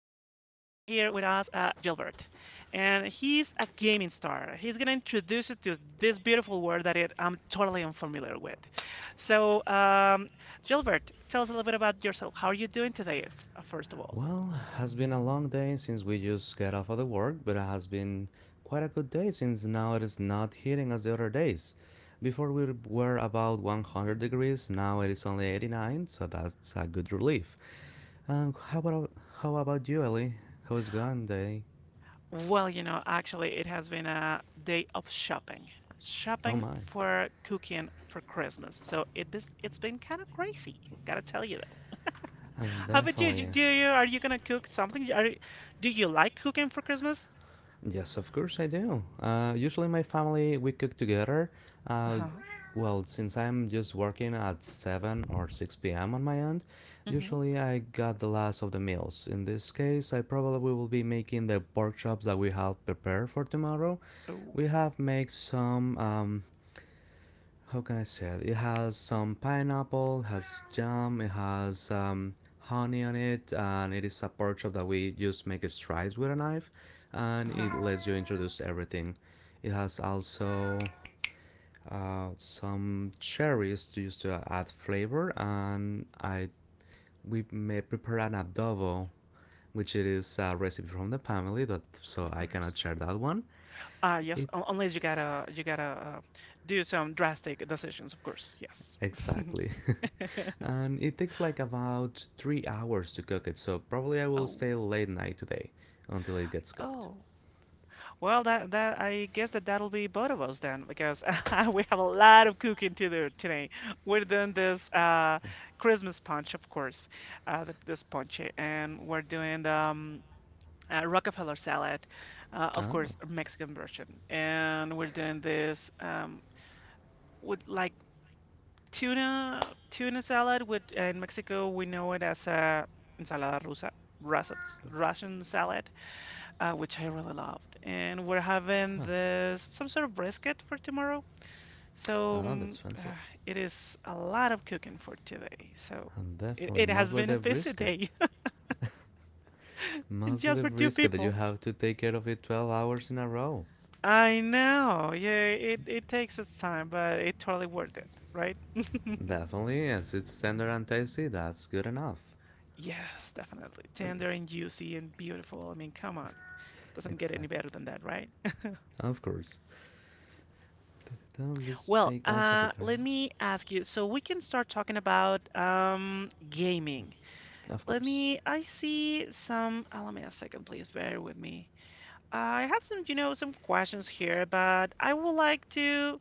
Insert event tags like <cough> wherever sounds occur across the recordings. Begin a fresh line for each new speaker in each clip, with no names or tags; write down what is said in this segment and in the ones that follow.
with us, Gilbert. And he's a gaming star. He's going to introduce you to this beautiful word I'm totally unfamiliar with. So, Gilbert, tell us a little bit about yourself. How are you doing today, first of all?
Well, has been a long day since we just got off of the work, but it has been quite a good day since now it is not heating as the other days. Before we were about 100 degrees, now it is only 89, so that's a good relief. And how about you, Ellie? How is going day?
Well, actually, it has been a day of shopping.
Oh
Shopping
my.
for cooking for Christmas. So it's been kind of crazy, gotta tell you.
And
How about you?
definitely,
Do you Are you gonna cook something? Do you like cooking for Christmas?
yes, of course I do. Usually, my family we cook together. Uh,
Uh-huh.
well, since I'm just working at 7 or 6 p.m. on my end,
Mm-hmm.
usually I got the last of the meals. In this case, I probably will be making the pork chops that we have prepared for tomorrow.
Oh,
We have made some how can I say it? It has some pineapple, has jam, it has honey on it, and it is a portrait that we just make strides with a knife, and it
uh-huh.
lets you introduce everything. It has also some cherries to use to add flavor, and I we may prepare an adobo, which it is a recipe from the family that so
Of
I cannot
course.
share that one.
Ah, yes.
It
Unless you gotta uh, do some drastic decisions, of course. Yes.
Exactly. <laughs>
<laughs>
And it takes like about 3 hours to cook it, so probably I will
Oh,
stay late night today until it gets cooked.
oh. Well, that I guess that that'll be both of us then, because <laughs> we have a lot of cooking to do today. We're doing this Christmas punch, of course, this punch, and we're doing the Rockefeller salad, of
Oh,
course, Mexican version. And we're doing this with like tuna salad. With in Mexico, we know it as a ensalada rusa, Russets, Russian salad, which I really loved. And we're having
huh.
this some sort of brisket for tomorrow. So
Oh, that's fancy.
it is a lot of cooking for today. So
And
it,
definitely,
it has
mostly
been a
the
busy
brisket.
day <laughs>
Mostly
just
the
for two
brisket that you
people.
have to take care of it 12 hours in a row.
I know. Yeah, it takes its time, but it totally worth it, right?
Definitely, as it's tender and tasty, that's good enough.
Yes, definitely. Tender and juicy and beautiful. I mean, come on. Doesn't get any
Exactly.
better than that, right?
Of course. Don't this
Well,
bake also the
let
garnish?
me ask you. So we can start talking about gaming.
Of
Let
course.
me. I see some. Let me a second, please. Bear with me. I have some, some questions here, but I would like to,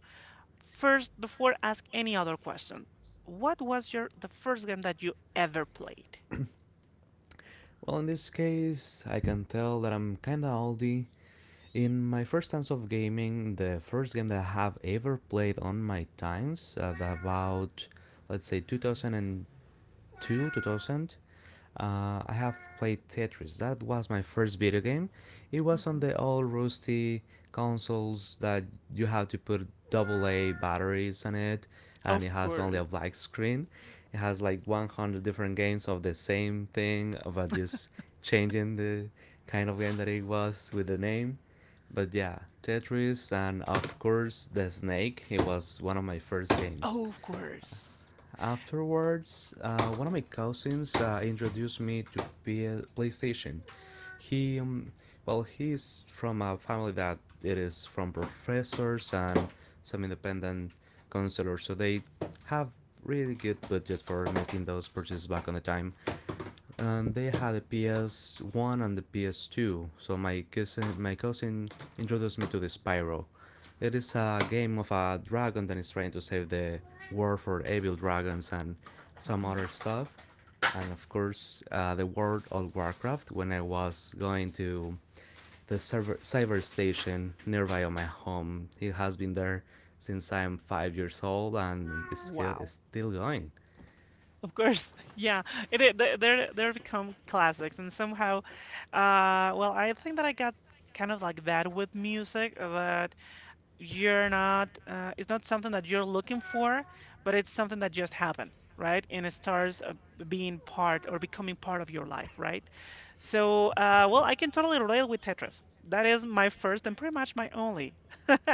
first, before I ask any other question, what was your the first game that you ever played?
Well, in this case, I can tell that I'm kinda oldie. In my first times of gaming, the first game that I have ever played on my times at about let's say 2002, 2000, I have played Tetris. That was my first video game. It was on
Hmm.
the old rusty consoles that you have to put double A batteries on it, and it
Of
has only a
course.
black screen. It has like 100 different games of the same thing, but just changing the kind of game that it was with the name. But yeah, Tetris, and of course, The Snake. It was one of my first games.
Oh, of course.
Afterwards, one of my cousins introduced me to PlayStation. He, well, he's from a family that it is from professors and some independent counselors, so they have really good budget for making those purchases back on the time, and they had a PS1 and the PS2. So my cousin introduced me to the Spyro. It is a game of a dragon that is trying to save the world for evil dragons and some
Hmm.
other stuff. And of course, the World of Warcraft. When I was going to the server cyber station nearby on my home, it has been there since I'm 5 years old, and it's still,
Wow.
it's still going.
Of course. <laughs> Yeah. It they- they're become classics and somehow, well, I think that I got kind of like that with music, that you're not it's not something that you're looking for, but it's something that just happened, right? And it starts, being part or becoming part of your life, right? So, well,
Exactly.
I can totally relate with Tetris, that is my first and pretty much my only <laughs>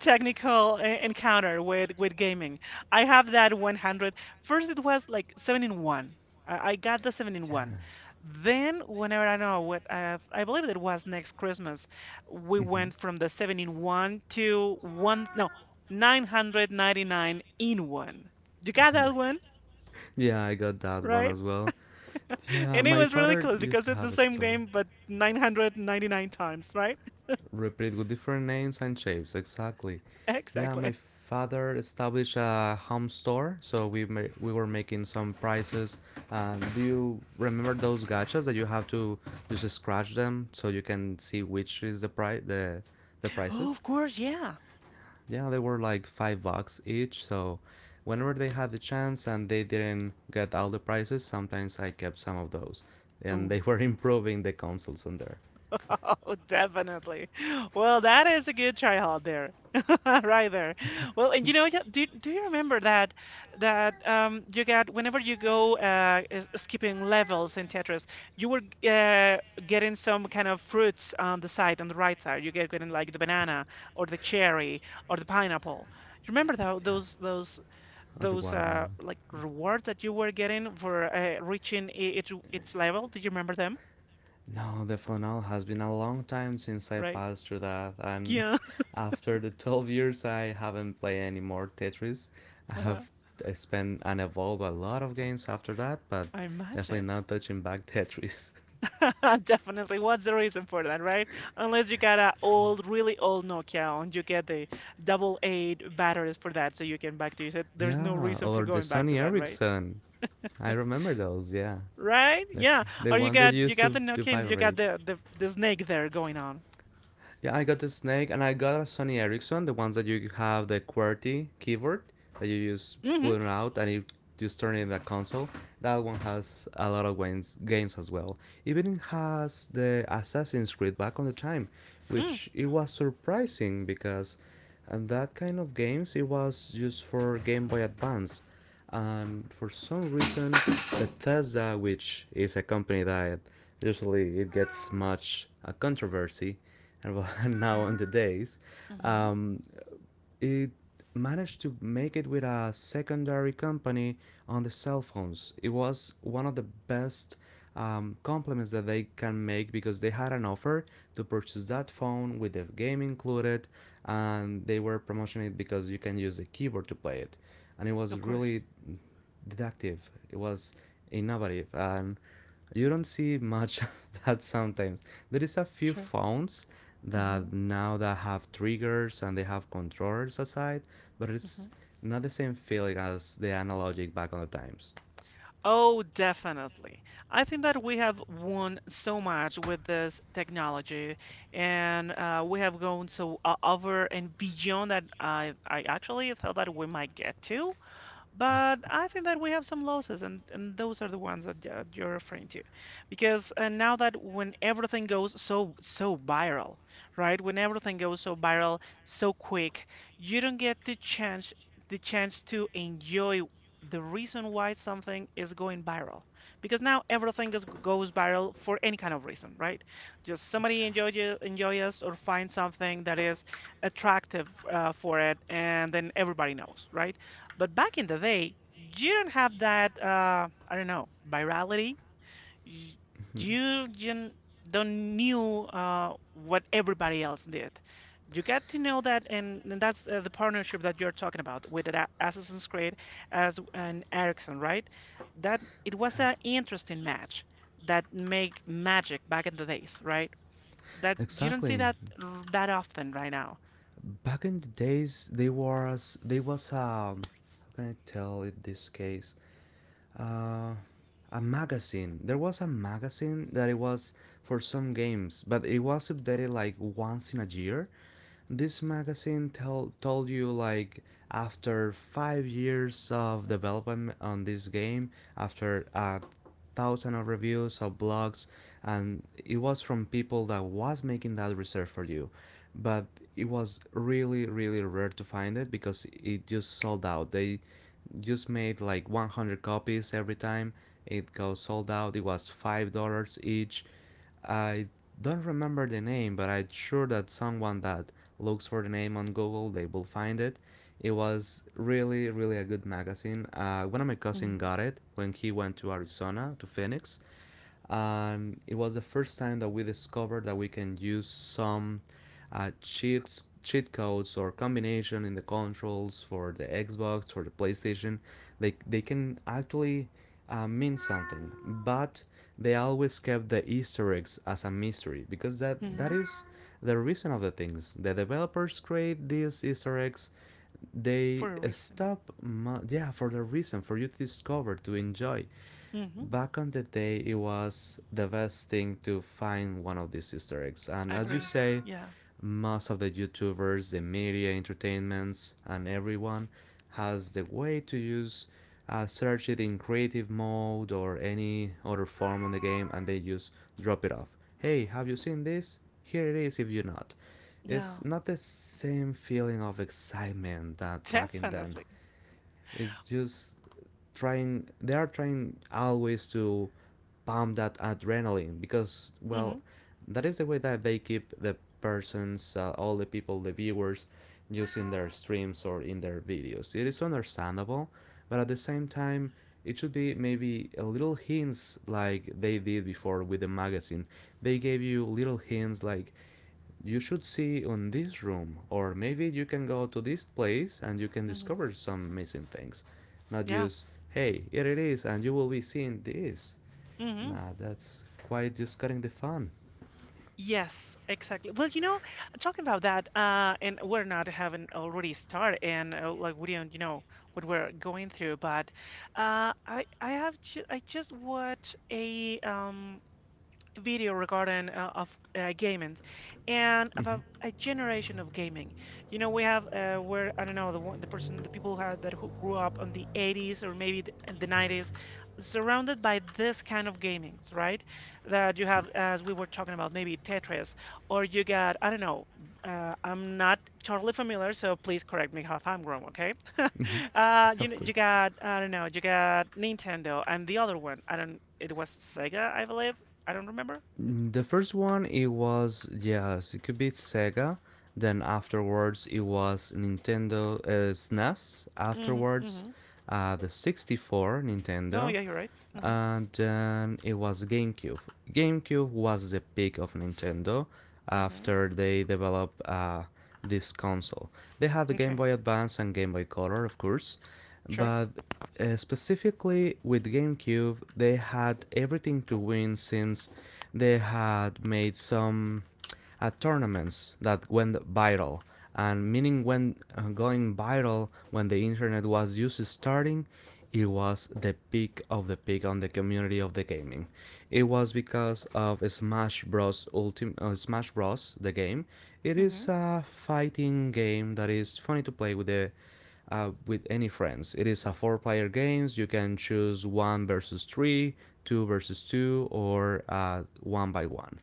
technical encounter with gaming. I have that 100. First it was like 7 in 1. I got the 7 in 1.
Yeah.
Then, whenever I know what, I believe it was next Christmas, we
Hmm.
went from the seven in one to one, no, 999 in one. You
<laughs>
got
Oh my
that one,
god. Yeah, I got that one
right?
as well. Yeah,
And it
my
was really
father
close,
used
because
to
it's the
have a
same
store.
game, but 999 times, right? <laughs>
Repeat with different names and shapes, exactly. Yeah,
Exactly.
my father established a home store, so we were making some prices. Do you remember those gachas that you have to just scratch them so you can see which is the price the
Oh,
prices?
of course, yeah.
Yeah, they were like $5 each. So whenever they had the chance and they didn't get all the prices, sometimes I kept some of those. And
Oh.
they were <laughs> improving the consoles on there.
<laughs> Oh, definitely. Well, that is a good try hard there. <laughs> Right there. Well, and yeah, do you remember that you got, whenever you go skipping levels in Tetris, you were uh getting some kind of fruits on the side, on the right side. You get getting like the banana or the cherry or the pineapple. You remember tho-
Yeah.
those those
Oh, the
those
watermelon.
like rewards that you were getting for reaching its each level? Do you remember them?
No, the funnel has been a long time since I
Right?
passed through that, and
Yeah.
<laughs> after the 12 years, I haven't played any more Tetris. I have
<laughs>
spent and evolved a lot of games after that, but
I
definitely
imagine.
not touching back Tetris. <laughs>
<laughs> Definitely. What's the reason for that, right? Unless you got a old, really old Nokia and you get the double eight batteries for that, so you can back to use it. There's no
Yeah,
reason for
or the
going back to
Sony
that, right?
Ericsson. I remember those. Yeah,
Right?
the,
Yeah.
the
Or you
one that
got you
used
got
to
the
to
Nokia and you got
vibrate.
the snake there going on.
Yeah, I got the Snake and I got a Sony Ericsson, the ones that you have the QWERTY keyboard that you use
Mm-hmm.
pulling out and it just turning the console. That one has a lot of games as well. Even has the Assassin's Creed back on the time,
Mm-hmm.
which it was surprising because and that kind of games it was just for Game Boy Advance. And for some reason, Bethesda, which is a company that usually it gets much a controversy, and <laughs> now
Hmm.
on the days,
Hmm.
um, it managed to make it with a secondary company on the cell phones. It was one of the best compliments that they can make because they had an offer to purchase that phone with the game included, and they were promoting it because you can use a keyboard to play it, and it was
Of course.
really deductive. It was innovative, and you don't see much <laughs> of that sometimes. There is a few
Sure.
phones
Mm-hmm.
that now that have triggers and they have controllers aside, but
Mm-hmm.
it's not the same feeling as the analogic back on the times.
Oh, definitely. I think that we have won so much with this technology, and, we have gone so, over and beyond that I actually thought that we might get to.
Yeah.
But I think that we have some losses, and those are the ones that, you're referring to. Because, now that, when everything goes so viral, right? When everything goes so viral so quick, you don't get the chance, the chance to enjoy the reason why something is going viral. Because now everything is, goes viral for any kind of reason, right? Just somebody
<laughs>
enjoy us or find something that is attractive, for it, and then everybody knows, right? But back in the day, you don't have that, I don't know, virality. Y- You didn't- don't knew, what everybody else did. You got to know that, and that's, the partnership that you're talking about with the Assassin's Creed as an Ericsson, right? That it was an interesting match, that make magic back in the days, right? That you don't see
Exactly.
that often right now.
Back in the days, they was. How can I tell it this case? uh, a magazine. There was a magazine that it was for some games, but it was updated like once in a year. This magazine tell told you like after 5 years of development on this game, after a thousand of reviews of blogs, and it was from people that was making that research for you, but it was really really rare to find it because it just sold out. They just made like 100 copies every time it got sold out. It was $5 each. I don't remember the name, but I'm sure that someone that looks for the name on Google, they will find it. It was really really a good magazine. One of my cousin
Hmm.
got it when he went to Arizona to Phoenix, and it was the first time that we discovered that we can use some cheat codes or combination in the controls for the Xbox for the PlayStation. They can actually mean something, but they always kept the Easter eggs as a mystery because that
Hmm.
is the reason of the things the developers create these Easter eggs. They
For a reason.
stop. Yeah, for the reason for you to discover, to enjoy.
Hmm.
Back on the day, it was the best thing to find one of these Easter eggs. And
I
as you
agree.
say,
Yeah.
most of the YouTubers, the media, entertainments, and everyone has the way to use search it in creative mode or any other form on the game, and they just drop it off. Hey, have you seen this? Here it is if you're not.
Yeah,
It's not the same feeling of excitement that back in then.
definitely.
It's just trying. They are trying always to pump that adrenaline because,
Hmm.
well, that is the way that they keep the persons, all the people, the viewers, using their streams or in their videos. It is understandable, but at the same time, it should be maybe a little hints like they did before with the magazine. They gave you little hints like you should see on this room, or maybe you can go to this place and you can
Hmm.
discover some missing things. Not
Yeah.
just, hey, here it is, and you will be seeing this.
Hmm.
Nah, that's quite just cutting the fun.
Yes, exactly. Well, talking about that, and we're not having already started, and, like we don't, what we're going through, but, I have ju I just watched a video regarding, of, gaming, and
Mm-hmm.
about a generation of gaming. We have, where I don't know, the one, the person, the people who had that, who grew up on the 80s or maybe the 90s, surrounded by this kind of gamings, right? That you have, as we were talking about, maybe Tetris or you got, I don't know. I'm not totally familiar, so please correct me if I'm wrong, okay? <laughs>
Mm-hmm. <laughs> Of
You
course.
got, I don't know, you got Nintendo and the other one. I don't. It was Sega, I believe. I don't remember. It
The
was.
first one, it was, yes, it could be Sega. Then afterwards, it was Nintendo, SNES.
Mm hmm. Mm
Afterwards,
hmm.
the 64
Oh,
Nintendo.
yeah, you're right. Mm hmm.
And then it was GameCube. GameCube was the peak of Nintendo
Mm hmm.
after they developed this console. They had the Game
Okay.
Boy Advance and Game Boy Color, of course,
Sure.
but specifically with GameCube, they had everything to win since they had made some tournaments that went viral. And meaning when going viral, when the internet was just starting, it was the peak of the peak on the community of the gaming. It was because of Smash Bros. Ultimate, Smash Bros. The game. It
Mm hmm.
is a fighting game that is funny to play with the with any friends. It is a four player games. You can choose one versus three, two versus two, or one by one.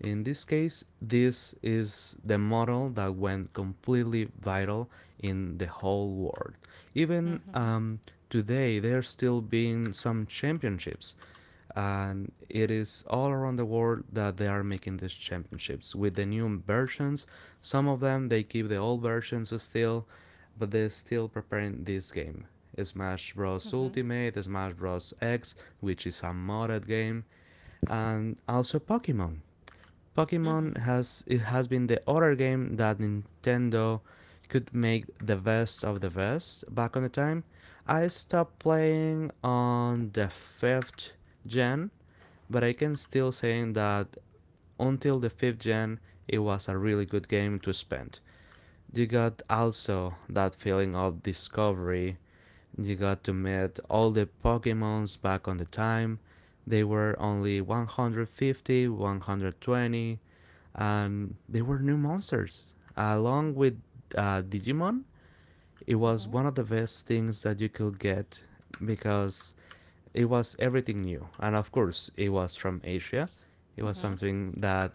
In this case, this is the model that went completely viral in the whole world. Even
Mm hmm.
today, there's still been some championships, and it is all around the world that they are making these championships with the new versions. Some of them they keep the old versions still, but they're still preparing this game, Smash
Mm
Bros.
hmm.
Ultimate, Smash Bros. X, which is a modded game, and also pokemon
Mm
Pokemon
hmm.
has been the other game that Nintendo could make the best of the best back on the time. I stopped playing on the fifth gen, but I can still say that until the fifth gen, it was a really good game to spend. You got also that feeling of discovery. You got to meet all the Pokemons back on the time. They were only 150, 120, and they were new monsters, along
Mm
with Digimon. It was
hmm.
one of the best things that you could get because it was everything new. And of course, it was from Asia. It
Mm
was
hmm.
something that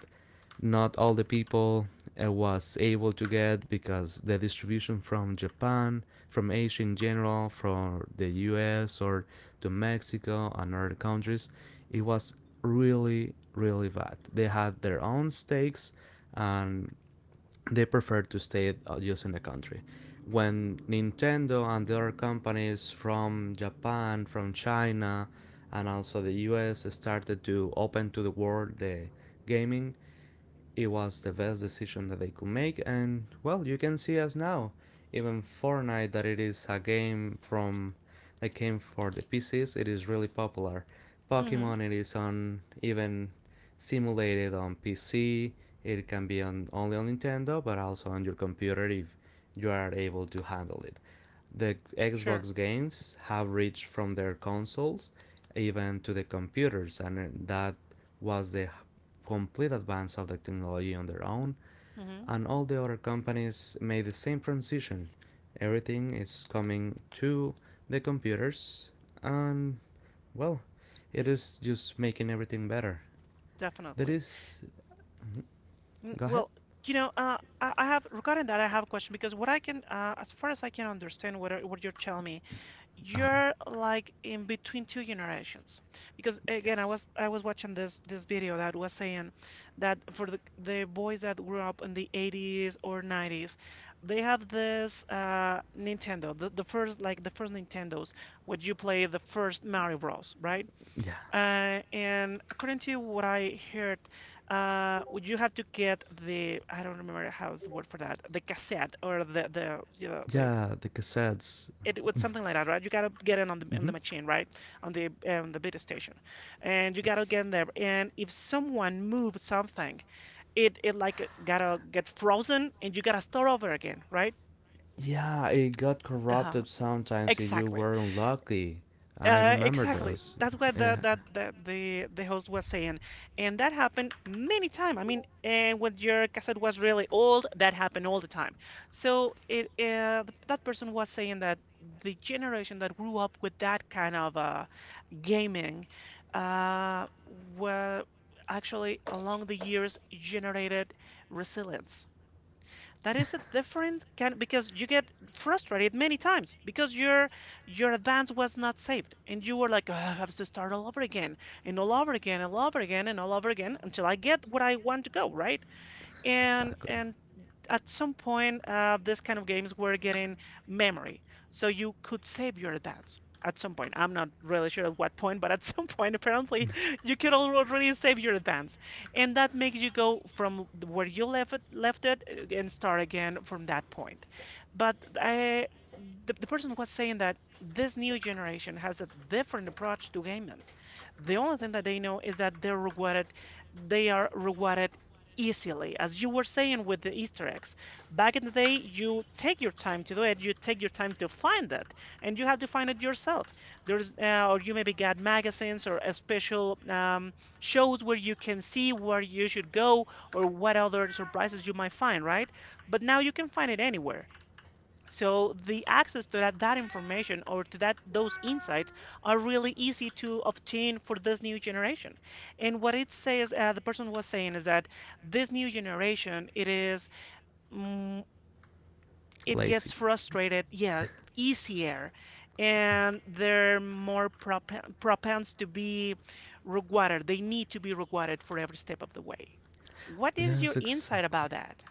not all the people was able to get because the distribution from Japan, from Asia in general, from the US or to Mexico and other countries, it was really, really bad. They had their own stakes, and they prefer to stay just in the country. When Nintendo and the other companies from Japan, from China, and also the US started to open to the world the gaming, it was the best decision that they could make, and well, you can see us now. Even Fortnite, that it is a game from that came for the PCs, it is really popular.
Mm-hmm.
Pokemon, it is on even simulated on PC. It can be on only on Nintendo, but also on your computer if you are able to handle it. The
Sure.
Xbox games have reached from their consoles even to the computers, and that was the complete advance of the technology on their own.
Mm-hmm.
And all the other companies made the same transition. Everything is coming to the computers, and well, it is just making everything better. That
Definitely.
is. Go ahead.
Well, I have a question, because what I can, as far as I can understand, what you're telling me,
Uh,
you're like in between two generations, because again i
yes.
was i was watching this video that was saying that for the boys that grew up in the 80s or 90s, they have this Nintendo, the first, like the first Nintendos, what you play, the first Mario Bros, right?
Yeah.
And according to what I heard, would you have to get the, I don't remember how's the word for that, the cassette or the, the,
Yeah, the cassettes.
it was something like that, right? You gotta get in on the on
Hmm.
the machine, right? On the beta station, and you gotta
Yes.
get in there. And if someone moves something, it like gotta get frozen, and you gotta start over again, right?
Yeah, it got
Uh-huh.
corrupted sometimes if you
Exactly.
were unlucky. I remember
Exactly.
those.
That's what the,
Yeah,
the the the the host was saying, and that happened many times. I mean, and when your cassette was really old, that happened all the time. So it that person was saying that the generation that grew up with that kind of, gaming, uh, were actually along the years generated resilience. That is a different kind, because you get frustrated many times, because your advance was not saved, and you were like, "Ugh, I have to start all over again and all over again and all over again and all over again until I get what I want to go, right?" And
exactly.
and at some point, this kind of games were getting memory, so you could save your advance. At some point, I'm not really sure at what point, but at <laughs> some point, apparently, you could already save your advance, and that makes you go from where you left it, and start again from that point. But, the person was saying that this new generation has a different approach to gaming. The only thing that they know is that they're rewarded, they are rewarded easily. As you were saying with the Easter eggs, back in the day, you take your time to do it, you take your time to find it, and you have to find it yourself. Or you maybe get magazines or a special shows where you can see where you should go, or what other surprises you might find, right? But now you can find it anywhere. So the access to that, that information or to that, those insights, are really easy to obtain for this new generation. And what it says, the person was saying, is that this new generation, it is, mm, it gets
Lazy.
frustrated, yeah, easier, and they're more propense to be rewarded. They need to be rewarded for every step of the way. What is
Yes,
your insight
exactly.
about that?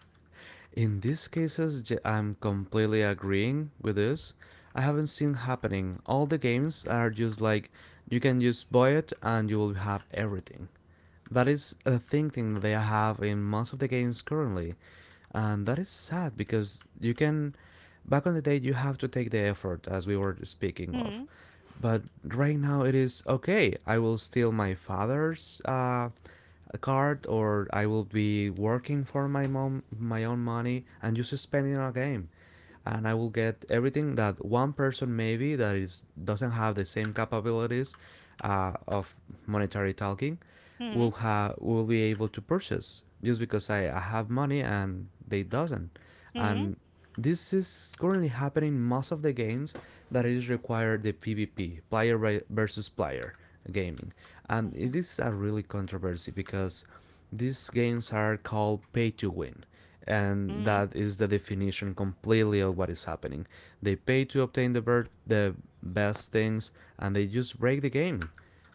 In these cases, I'm completely agreeing with this. I haven't seen happening. All the games are just like you can just buy it and you will have everything. That is a thinking they have in most of the games currently, and that is sad because you can. Back on the day, you have to take the effort, as we were speaking of.
Hmm.
But right now, it is okay. I will steal my father's card, or I will be working for my mom, my own money, and just spending on a game, and I will get everything that one person maybe that is doesn't have the same capabilities of monetary talking
Hmm.
will be able to purchase just because I have money and they doesn't.
Hmm.
And this is currently happening most of the games that is require the PvP versus player gaming, and
Hmm.
it is a really controversy because these games are called pay to win, and
Hmm.
that is the definition completely of what is happening. They pay to obtain the best things, and they just break the game.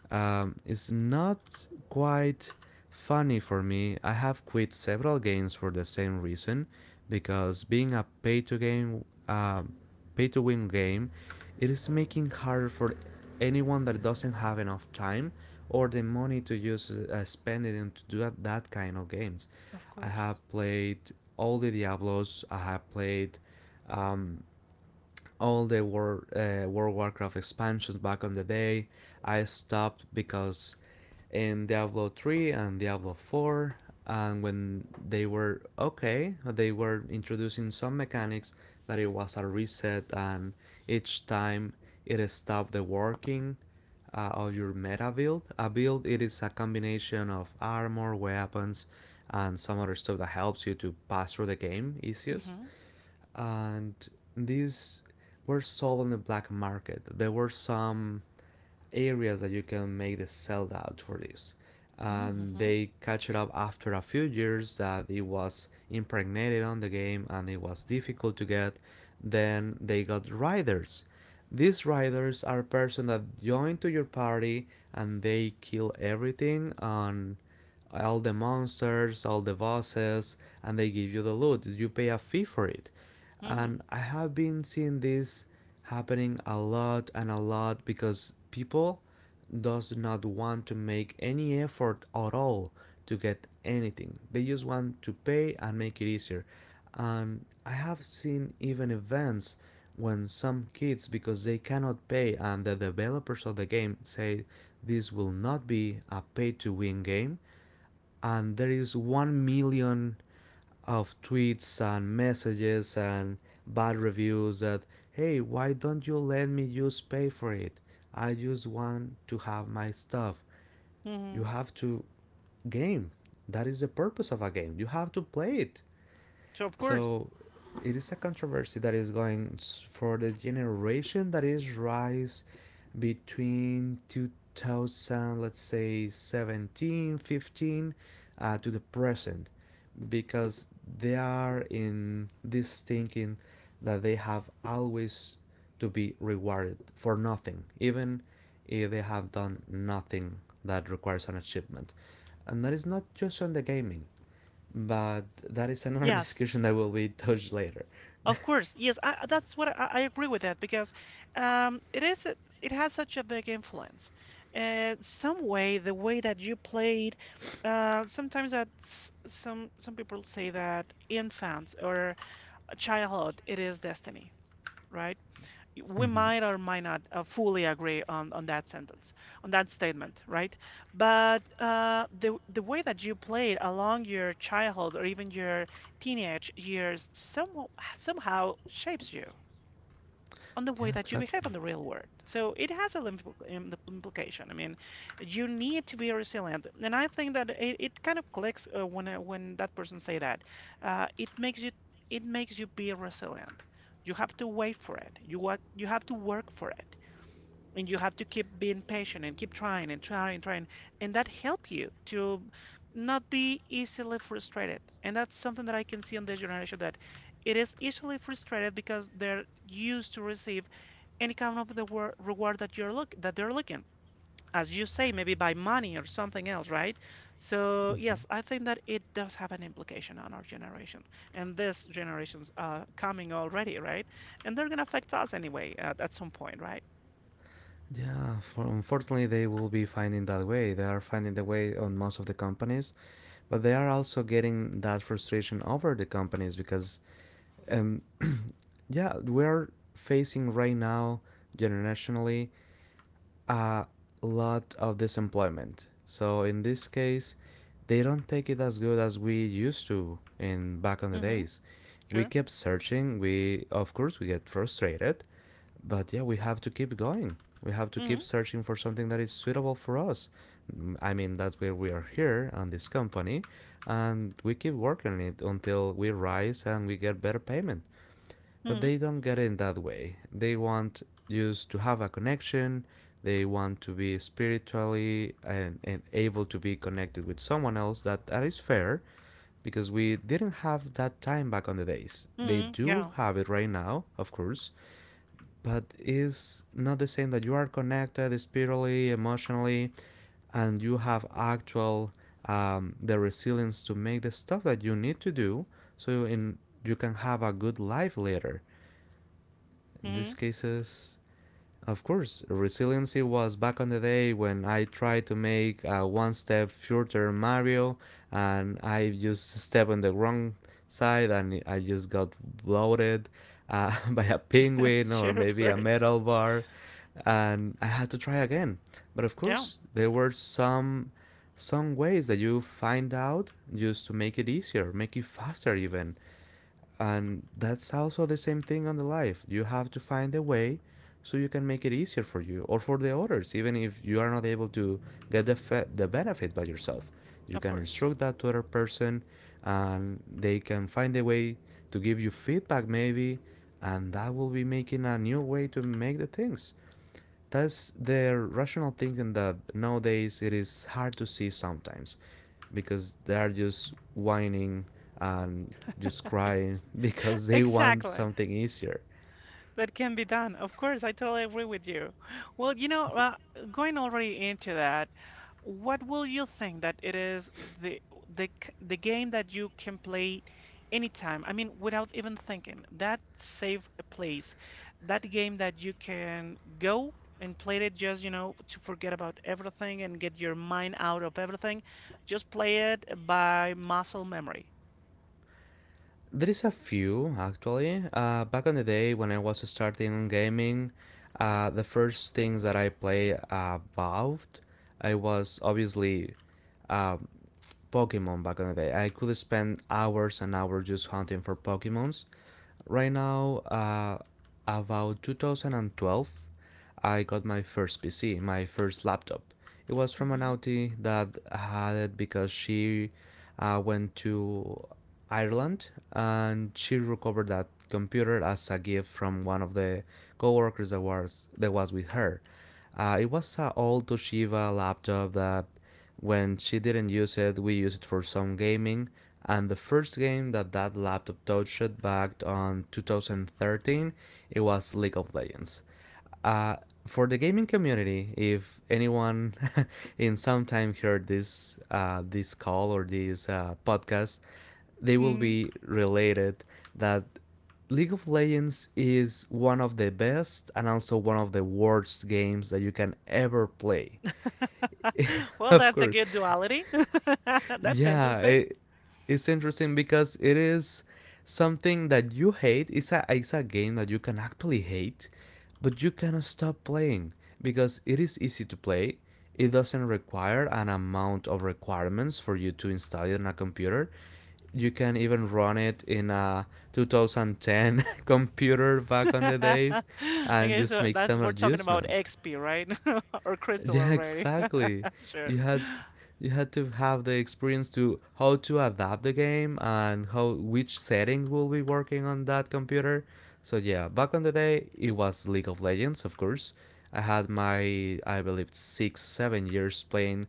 Is not quite funny for me. I have quit several games for the same reason, because being a pay to win game, it is making harder for anyone that doesn't have enough time or the money to use spend it into do that kind of games.
Of
I have
course.
played all the Diablos. I have played um, all the World of Warcraft expansions back on the day. I stopped because in Diablo 3 and Diablo 4, and when they were okay, they were introducing some mechanics that it was a reset, and each time it stopped the working of your meta build. A build it is a combination of armor, weapons, and some other stuff that helps you to pass through the game easiest,
Mm-hmm.
and these were sold on the black market. There were some areas that you can make the sell out for this. And
Mm-hmm.
they catch it up after a few years that it was impregnated on the game and it was difficult to get. Then they got riders. These riders are person that join to your party, and they kill everything on all the monsters, all the bosses, and they give you the loot. You pay a fee for it.
Mm-hmm.
And I have been seeing this happening a lot and a lot because people does not want to make any effort at all to get anything. They just want to pay and make it easier. And I have seen even events when some kids, because they cannot pay and the developers of the game say this will not be a pay to win game, and there is 1 million of tweets and messages and bad reviews that, hey, why don't you let me just pay for it, I just want to have my stuff. You
Mm-hmm.
have to game, that is the purpose of a game, you have to play it.
So of course,
So it is a controversy that is going for the generation that is rise between 2000, let's say 17, 15, 15, to the present, because they are in this thinking that they have always to be rewarded for nothing even if they have done nothing that requires an achievement. And that is not just on the gaming, but that is another <laughs>
yes,
discussion that will be touched later.
of course, yes. That's what I agree with that because um, it is a- it has such a big influence. Some way, the way that you played, sometimes that some people say that infants or childhood, it is destiny, right? We
Mm-hmm.
might or might not fully agree on that sentence, on that statement, right? But the way that you played along your childhood or even your teenage years somehow shapes you on the way
Yeah,
that you
exactly.
behave on the real world. So it has a implication. I mean, you need to be resilient, and I think that it kind of clicks when when that person say that. Uh, it makes you it makes you be resilient. You have to wait for it. You What you have to work for it, and you have to keep being patient and keep trying and trying and trying, and that help you to not be easily frustrated. And that's something that I can see on this generation that it is easily frustrated because they're used to receive any kind of the reward that you're look that they're looking, as you say, maybe by money or something else, right? So yes, I think that it does have an implication on our generation and this generation's coming already, right? And they're gonna affect us anyway at some point, right?
Yeah, for, unfortunately, they will be finding that way. They are finding the way on most of the companies, but they are also getting that frustration over the companies because, um, <clears throat> yeah, we are facing right now generationally a lot of disemployment. So in this case, they don't take it as good as we used to in back on the
Mm-hmm.
days. We
Sure.
kept searching. We of course we get frustrated, but yeah, we have to keep going. We have to
Mm-hmm.
keep searching for something that is suitable for us. Mm, I mean, that's where we are here on this company, and we keep working on it until we rise and we get better payment, but
Mm-hmm.
they don't get in that way. They want just to have a connection. They want to be spiritually and able to be connected with someone else. That is fair because we didn't have that time back on the days. They
Mm-hmm.
do
Yeah.
have it right now, of course, but it's not the same that you are connected spiritually, emotionally, and you have actual the resilience to make the stuff that you need to do so in you can have a good life later in
Mm-hmm.
these cases. Of course, resiliency was back on the day when I tried to make a one step future Mario, and I just stepped on the wrong side and I just got bloated, <laughs> by a
<laughs>
penguin or
Sure, of
maybe a
course.
metal bar, and I had to try again. But of
Yeah,
course there were some ways that you find out just to make it easier, make it faster even. And that's also the same thing on the life. You have to find a way so you can make it easier for you or for the others, even if you are not able to get the benefit by yourself. You
of
can
course.
instruct that to other person, and they can find a way to give you feedback maybe, and that will be making a new way to make the things. Thus, their rational thinking that nowadays it is hard to see sometimes because they are just whining and just crying <laughs> because
<laughs>
they want
Exactly.
something easier.
That can be done. Of course, I totally agree with you. Well, going already into that, what will you think that it is the the game that you can play anytime? I mean, without even thinking. That safe place, that game that you can go and play it just, to forget about everything and get your mind out of everything. Just play it by muscle memory.
There is a few actually. Back on the day when I was starting gaming, the first things that I play about, I was obviously um, Pokemon. Back in the day, I could spend hours and hours just hunting for Pokemons. Right now, about 2012, I got my first PC, my first laptop. It was from an auntie that had it because she went to Ireland, and she recovered that computer as a gift from one of the coworkers that was with her. It was an old Toshiba laptop that, when she didn't use it, we used it for some gaming. And the first game that that laptop touched back on 2013, it was League of Legends. Uh, for the gaming community, if anyone <laughs> in some time heard this call or this podcast, they will
Hmm.
be related that League of Legends is one of the best and also one of the worst games that you can ever play.
<laughs>
<laughs>
Well,
Of
that's a
course,
good duality. <laughs> That's
yeah,
interesting.
it's interesting because it is something that you hate. It's a game that you can actually hate, but you cannot stop playing because it is easy to play. It doesn't require an amount of requirements for you to install it on a computer. You can even run it in a 2010 <laughs> computer back on the days
<laughs>
and
Okay,
just
so
make
that's
some
we're talking about
adjustments.
XP, right? <laughs> Or
<laughs>
crystal
Yeah,
already.
exactly.
<laughs> Sure,
You had you had to have the experience to how to adapt the game and how which settings will be working on that computer. So yeah, back on the day it was League of Legends, of course. I had my I believe six, 7 years playing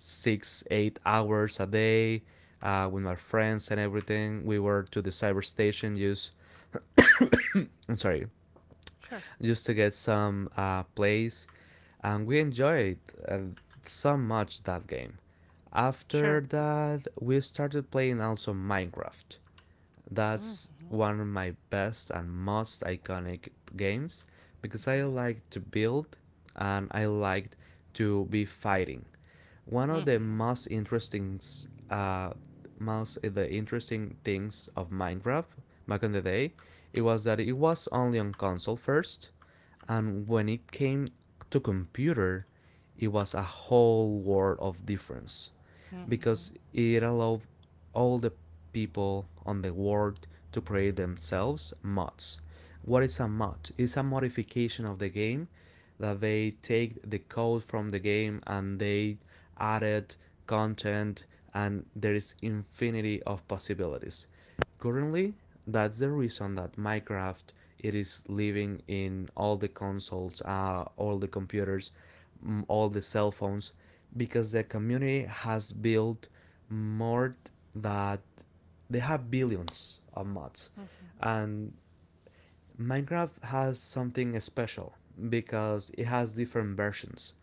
six, 8 hours a day, with my friends and everything. We were to the cyber station use I'm sorry,
sure,
just to get some plays, and we enjoyed uh, so much that game. After
sure.
that, we started playing also Minecraft. That's
Mhm,
one of my best and most iconic games because I like to build and I liked to be fighting. One of
mhm,
the
mhm,
most interesting, most the interesting things of Minecraft back in the day, it was that it was only on console first, and when it came to computer, it was a whole world of difference because
mhm,
it allowed all the people on the world to create themselves mods. What is a mod? It's a modification of the game that they take the code from the game and they added content, and there is infinity of possibilities. Currently, that's the reason that Minecraft it is living in all the consoles, all the computers, all the cell phones, because the community has built more that they have billions of mods,
mhm,
and Minecraft has something special because it has different versions.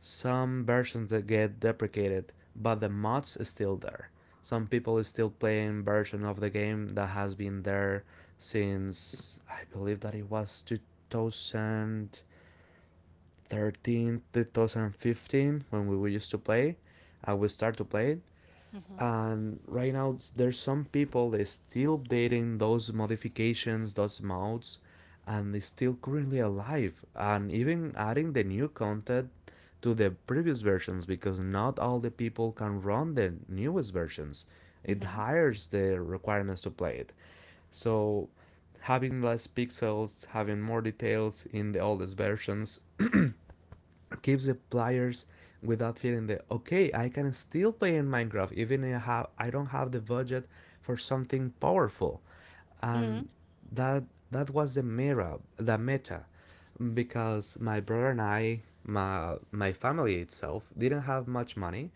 Some versions that get deprecated, but the mods is still there. Some people is still playing version of the game that has been there since I believe that it was 2013, 2015 when we used to play. I would start to play it,
mhm,
and right now there's some people that still updating those modifications those mods and is still currently alive and even adding the new content to the previous versions because not all the people can run the newest versions. It
mhm,
hires the requirements to play it, so having less pixels having more details in the oldest versions keeps the players without feeling that okay I can still play in Minecraft even if I don't have the budget for something powerful. And
mhm.
that that was the meta, the meta, because my brother and I, my family itself didn't have much money,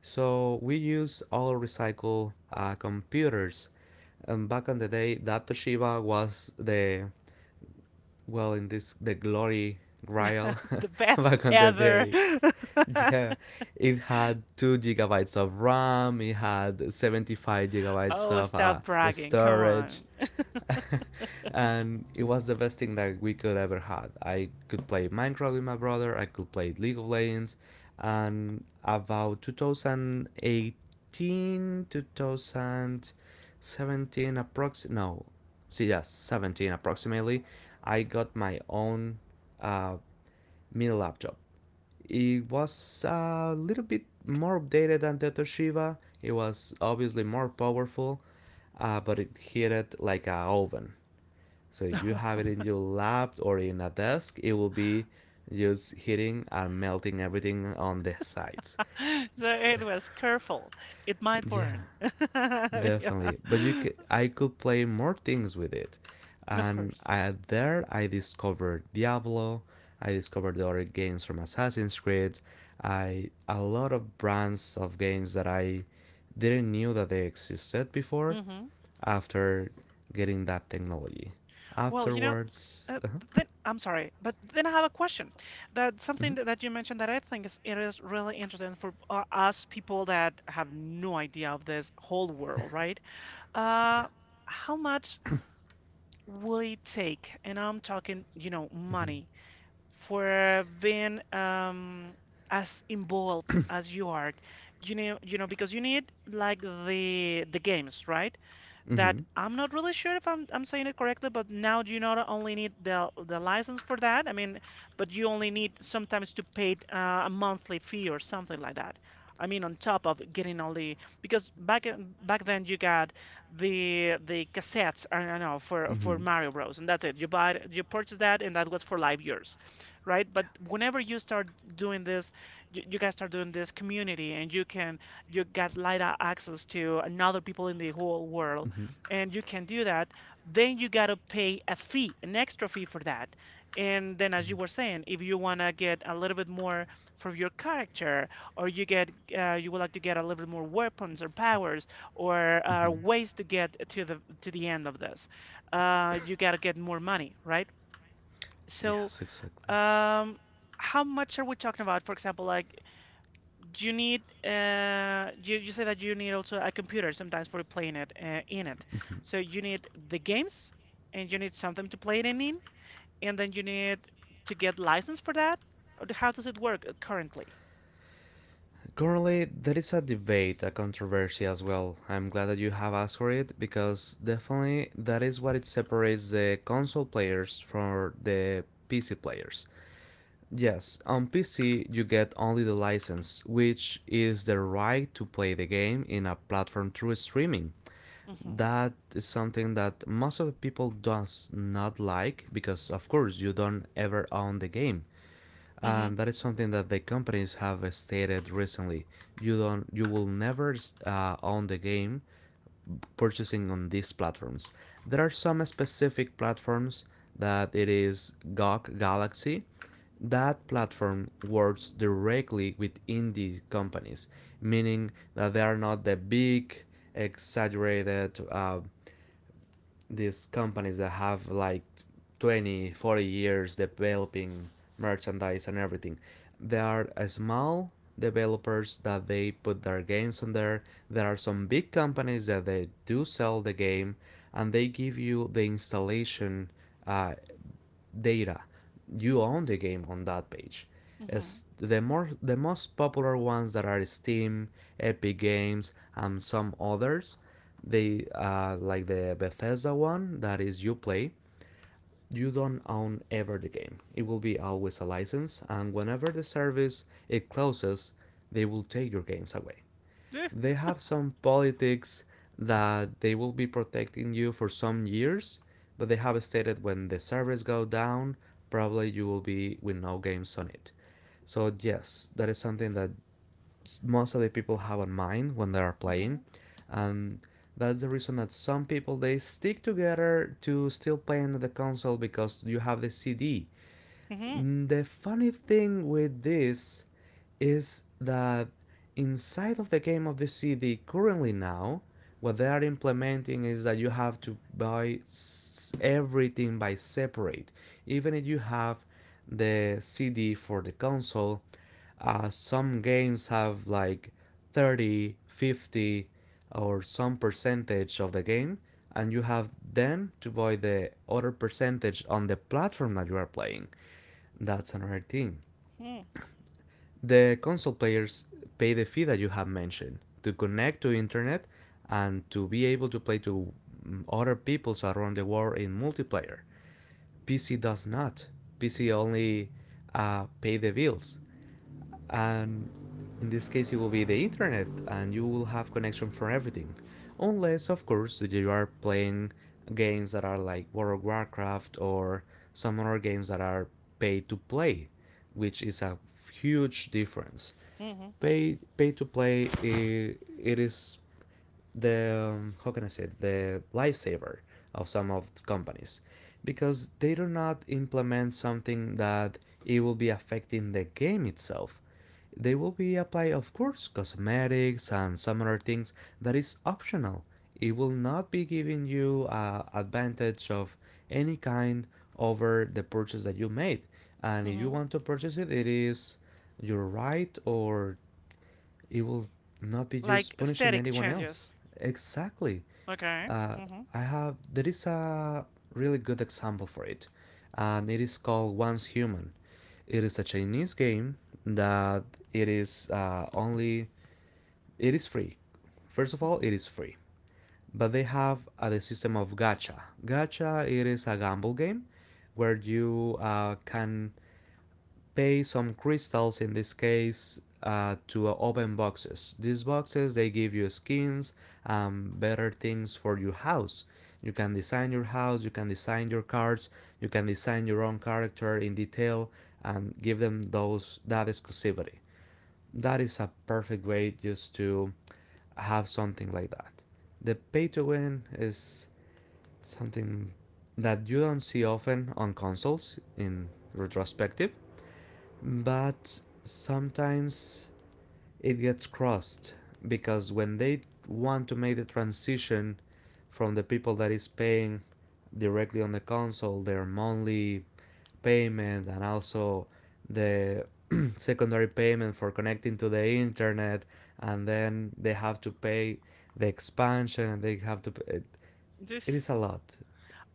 so we use all recycled computers. And back in the day that Toshiba was the, well, in this the glory grail.
<laughs> The
<laughs>
best
Back on the
ever.
day,
<laughs>
yeah, it had 2 gigabytes of ram, it had 75 gigabytes
Oh,
of
stop bragging. Come
storage.
on.
<laughs> And it was the best thing that we could ever had. I could play Minecraft with my brother, I could play League of Legends, and about 2018, 2017, approx no, see, yes, 17 approximately, I got my own uh, mini laptop. It was a little bit more updated than the Toshiba. It was obviously more powerful, but it heated like a oven. So you have it in
<laughs>
your lap or in a desk, it will be just hitting and melting everything on the sides.
So it was careful. It might
<laughs> Yeah,
burn. <laughs>
definitely. But you
Yeah.
could, I could play more things with it,
Of
and
course.
I, there I discovered Diablo. I discovered the other games from Assassin's Creed. I a lot of brands of games that I didn't knew that they existed before.
Mm-hmm.
After getting that technology,
Well,
afterwards,
uh,
uh-huh,
then I'm sorry, but then I have a question. That
mhm,
Something that you mentioned that I think is really interesting for us people that have no idea of this whole world, right?
yeah,
Uh, how much will it take, and I'm talking, money for being as involved as you are, because you need like the games, right? That
hmm.
I'm not really sure if I'm saying it correctly, but now you not only need the license for that, I mean, but you only need sometimes to pay a monthly fee or something like that. I mean, on top of getting all the because back then you got the cassettes, I don't know, for
Mm-hmm.
Mario Bros. And that's it. You purchase that and that was for live years, right? But whenever you start doing this, you guys start doing this community and you got light access to another people in the whole world
Yeah. Mm-hmm.
and you can do that, then you got to pay a fee, an extra fee for that. And then, as you were saying, if you want to get a little bit more for your character, or you would like to get a little bit more weapons or powers or
Mm-hmm.
ways to get to the end of this, you got to get more money, right? So,
Yes, exactly.
um, how much are we talking about? For example, like do you need you say that you need also a computer sometimes for playing it in it.
Mhm.
So you need the games and you need something to play it in and then you need to get license for that? Or how does it work currently?
Currently, there is a debate, a controversy as well. I'm glad that you have asked for it because definitely that is what it separates the console players from the PC players. Yes, on PC you get only the license, which is the right to play the game in a platform through streaming.
Mm-hmm.
That is something that most of the people does not like because of course you don't ever own the game,
Mm-hmm.
and that is something that the companies have stated recently. You don't, you will never own the game purchasing on these platforms. There are some specific platforms that it is GOG Galaxy. That platform works directly with indie companies, meaning that they are not the big, exaggerated these companies that have like 20, 40 years developing merchandise and everything. There are small developers that they put their games on there. There are some big companies that they do sell the game and they give you the installation uh, data. You own the game on that page.
Mm-hmm.
As the more the most popular ones that are Steam, Epic Games, and some others, they like the Bethesda one that is Uplay. You don't own ever the game. It will be always a license, and whenever the service it closes, they will take your games away.
Yeah.
They have some politics that they will be protecting you for some years, but they have stated when the servers go down, probably you will be with no games on it. So yes, that is something that most of the people have in mind when they are playing,
Mm-hmm.
and that's the reason that some people they stick together to still playing on the console because you have the CD.
Mm-hmm.
The funny thing with this is that inside of the game of the CD currently now, what they are implementing is that you have to buy everything by separate. Even if you have the CD for the console, some games have like 30, 50, or some percentage of the game, and you have then to buy the other percentage on the platform that you are playing. That's another thing. The console players pay the fee that you have mentioned to connect to internet and to be able to play to other peoples around the world in multiplayer. PC does not. PC only pay the bills, and in this case it will be the internet and you will have connection for everything unless of course you are playing games that are like World of Warcraft or some other games that are pay to play, which is a huge difference.
Mm-hmm. Mm-hmm.
Pay to play it is the how can I say it? The lifesaver of some of the companies because they do not implement something that it will be affecting the game itself. They will be apply of course cosmetics and some other things that is optional. It will not be giving you advantage of any kind over the purchase that you made. And if you
Mm-hmm.
want to purchase it, it is your right, or it will not be
Like
just punishing
aesthetic
anyone else.
changes.
Exactly.
Okay.
Uh,
Mm-hmm.
I have there is a really good example for it, and it is called Once Human. It is a Chinese game that it is only it is free. First of all,
Mm-hmm.
it is free, but they have the system of gacha. Gacha it is a gamble game where you can pay some crystals in this case to open boxes. These boxes they give you skins and better things for your house. You can design your house, you can design your cards, you can design your own character in detail and give them those that exclusivity. That is a perfect way just to have something like that. The pay to win is something that you don't see often on consoles in retrospective, but sometimes it gets crossed because when they want to make the transition from the people that is paying directly on the console their monthly payment and also the <clears throat> secondary payment for connecting to the internet and then they have to pay the expansion and they have to it, it
This
is a lot.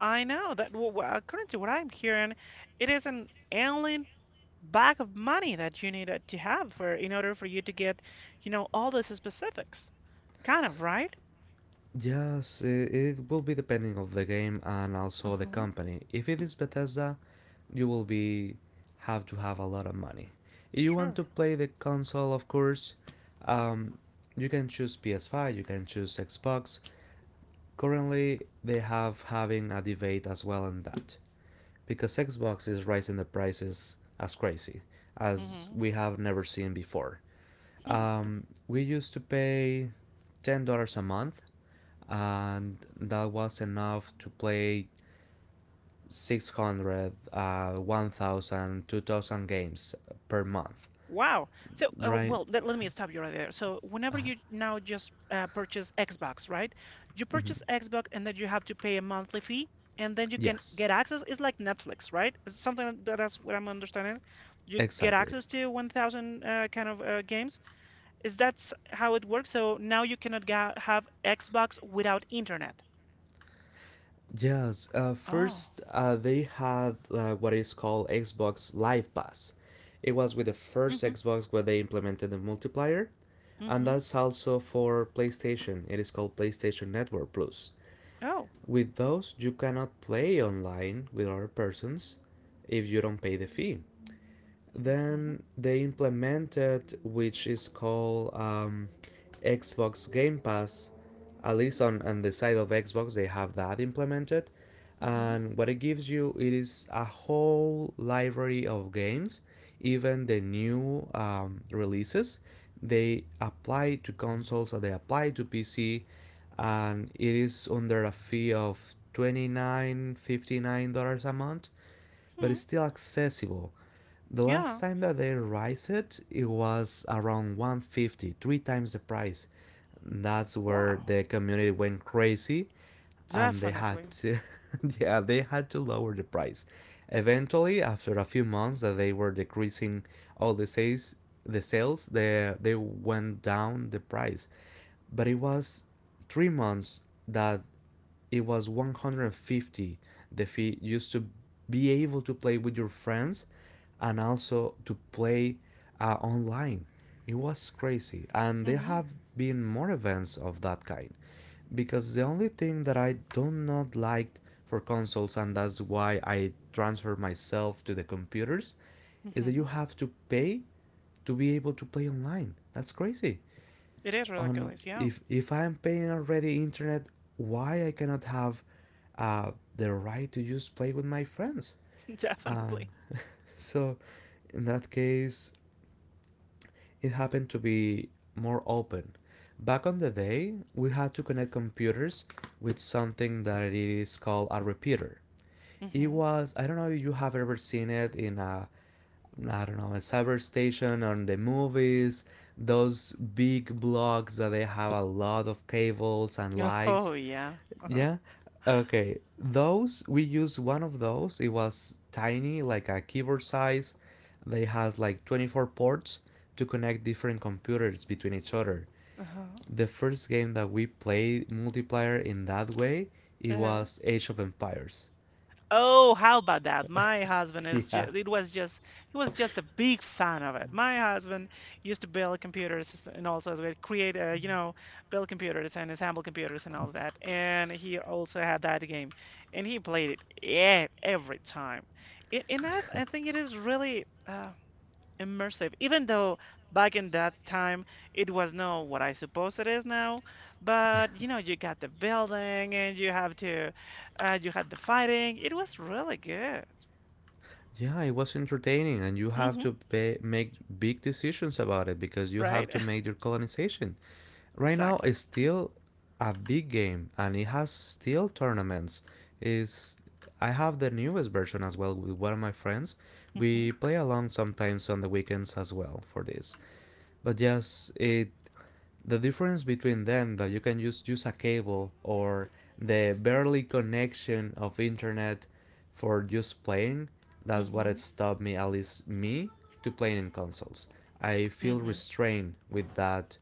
I know that currently what I'm hearing, it is an alien bag of money that you need to have for in order for you to get, all those specifics. Kind of, right?
Yes, it will be depending of the game and also the
Uh-huh.
company. If it is Bethesda, you will be have to have a lot of money. If you want
Sure.
to play the console, of course, um, you can choose PS5, you can choose Xbox. Currently, they have having a debate as well on that because Xbox is raising the prices as crazy as
Mm-hmm.
we have never seen before.
Hmm.
We used to pay $10 a month and that was enough to play 600, 1,000, 2,000 games per month,
Wow. So,
right?
well, let me stop you right there. So, whenever you now just purchase Xbox, right? You
Mhm.
purchase Xbox and then you have to pay a monthly fee and then you can
Yes,
get access. It's like Netflix, right? It's something that's what I'm understanding. You get
exactly.
access to 1,000 kind of games. Is that how it works? So now you cannot ga have Xbox without internet.
Yes,
Oh.
first they had what is called Xbox Live Pass. It was with the first
Mm-hmm.
Xbox where they implemented the multiplayer, and
Mm-hmm.
that's also for PlayStation. It is called PlayStation Network Plus.
Oh.
With those, you cannot play online with other persons if you don't pay the fee.
Mm-hmm.
Then they implemented, which is called Xbox Game Pass. At least on the side of Xbox, they have that implemented.
Mm-hmm.
And what it gives you it is a whole library of games, even the new releases. They apply to consoles or they apply to PC, and it is under a fee of $29.59 a month, but
Hmm.
it's still accessible. The last
Yeah.
time that they raised it, it was around 150, three times the price. That's where
Wow,
the community went crazy, and they had
definitely.
to, <laughs> yeah, they had to lower the price. Eventually, after a few months that they were decreasing all the sales, they went down the price. But it was 3 months that it was 150, the fee used to be able to play with your friends and also to play online. It was crazy, and there
Hmm.
have been more events of that kind because the only thing that I do not like for consoles, and that's why I transfer myself to the computers, is that you
Hmm.
have to pay to be able to play online. That's crazy.
It is
On
ridiculous, yeah.
If I'm paying already internet, why I cannot have uh, the right to just play with my friends?
<laughs>
And
Definitely.
<laughs> so in that case, it happened to be more open. Back on the day, we had to connect computers with something that is called a repeater. It
Mm-hmm.
was, I don't know if you have ever seen it in a, I don't know, Cyberstation on the movies, those big blogs that they have a lot of cables and lights.
Oh, yeah. Uh-huh.
Yeah. Okay. Those, we used one of those. It was tiny, like a keyboard size. They has like 24 ports to connect different computers between each other.
Uh-huh.
The first game that we played multiplayer in that way, it
Uh-huh.
was Age of Empires.
Oh, how about that?
<laughs>
My husband
Yeah.
is
Yeah.
just, it was just, He was just a big fan of it. My husband used to build computers and also as well build computers and assemble computers and all that. And he also had that game and he played it every time. I think it is really, immersive, even though back in that time it was not what I suppose it is now, but you got the building and you have to you had the fighting. It was really good.
Yeah, it was entertaining, and you have
Hmm.
to pay, make big decisions about it because you have
Right. <laughs>
to make your colonization. Right now,
Exactly.
it's still a big game, and it has still tournaments. Is, I have the newest version as well with one of my friends.
Hmm.
We play along sometimes on the weekends as well for this. But yes, it, the difference between them that you can just use a cable or the barely connection of internet for just playing, that's what it
Hmm.
stopped me, at least me, to playing in consoles. I feel
Hmm.
restrained with that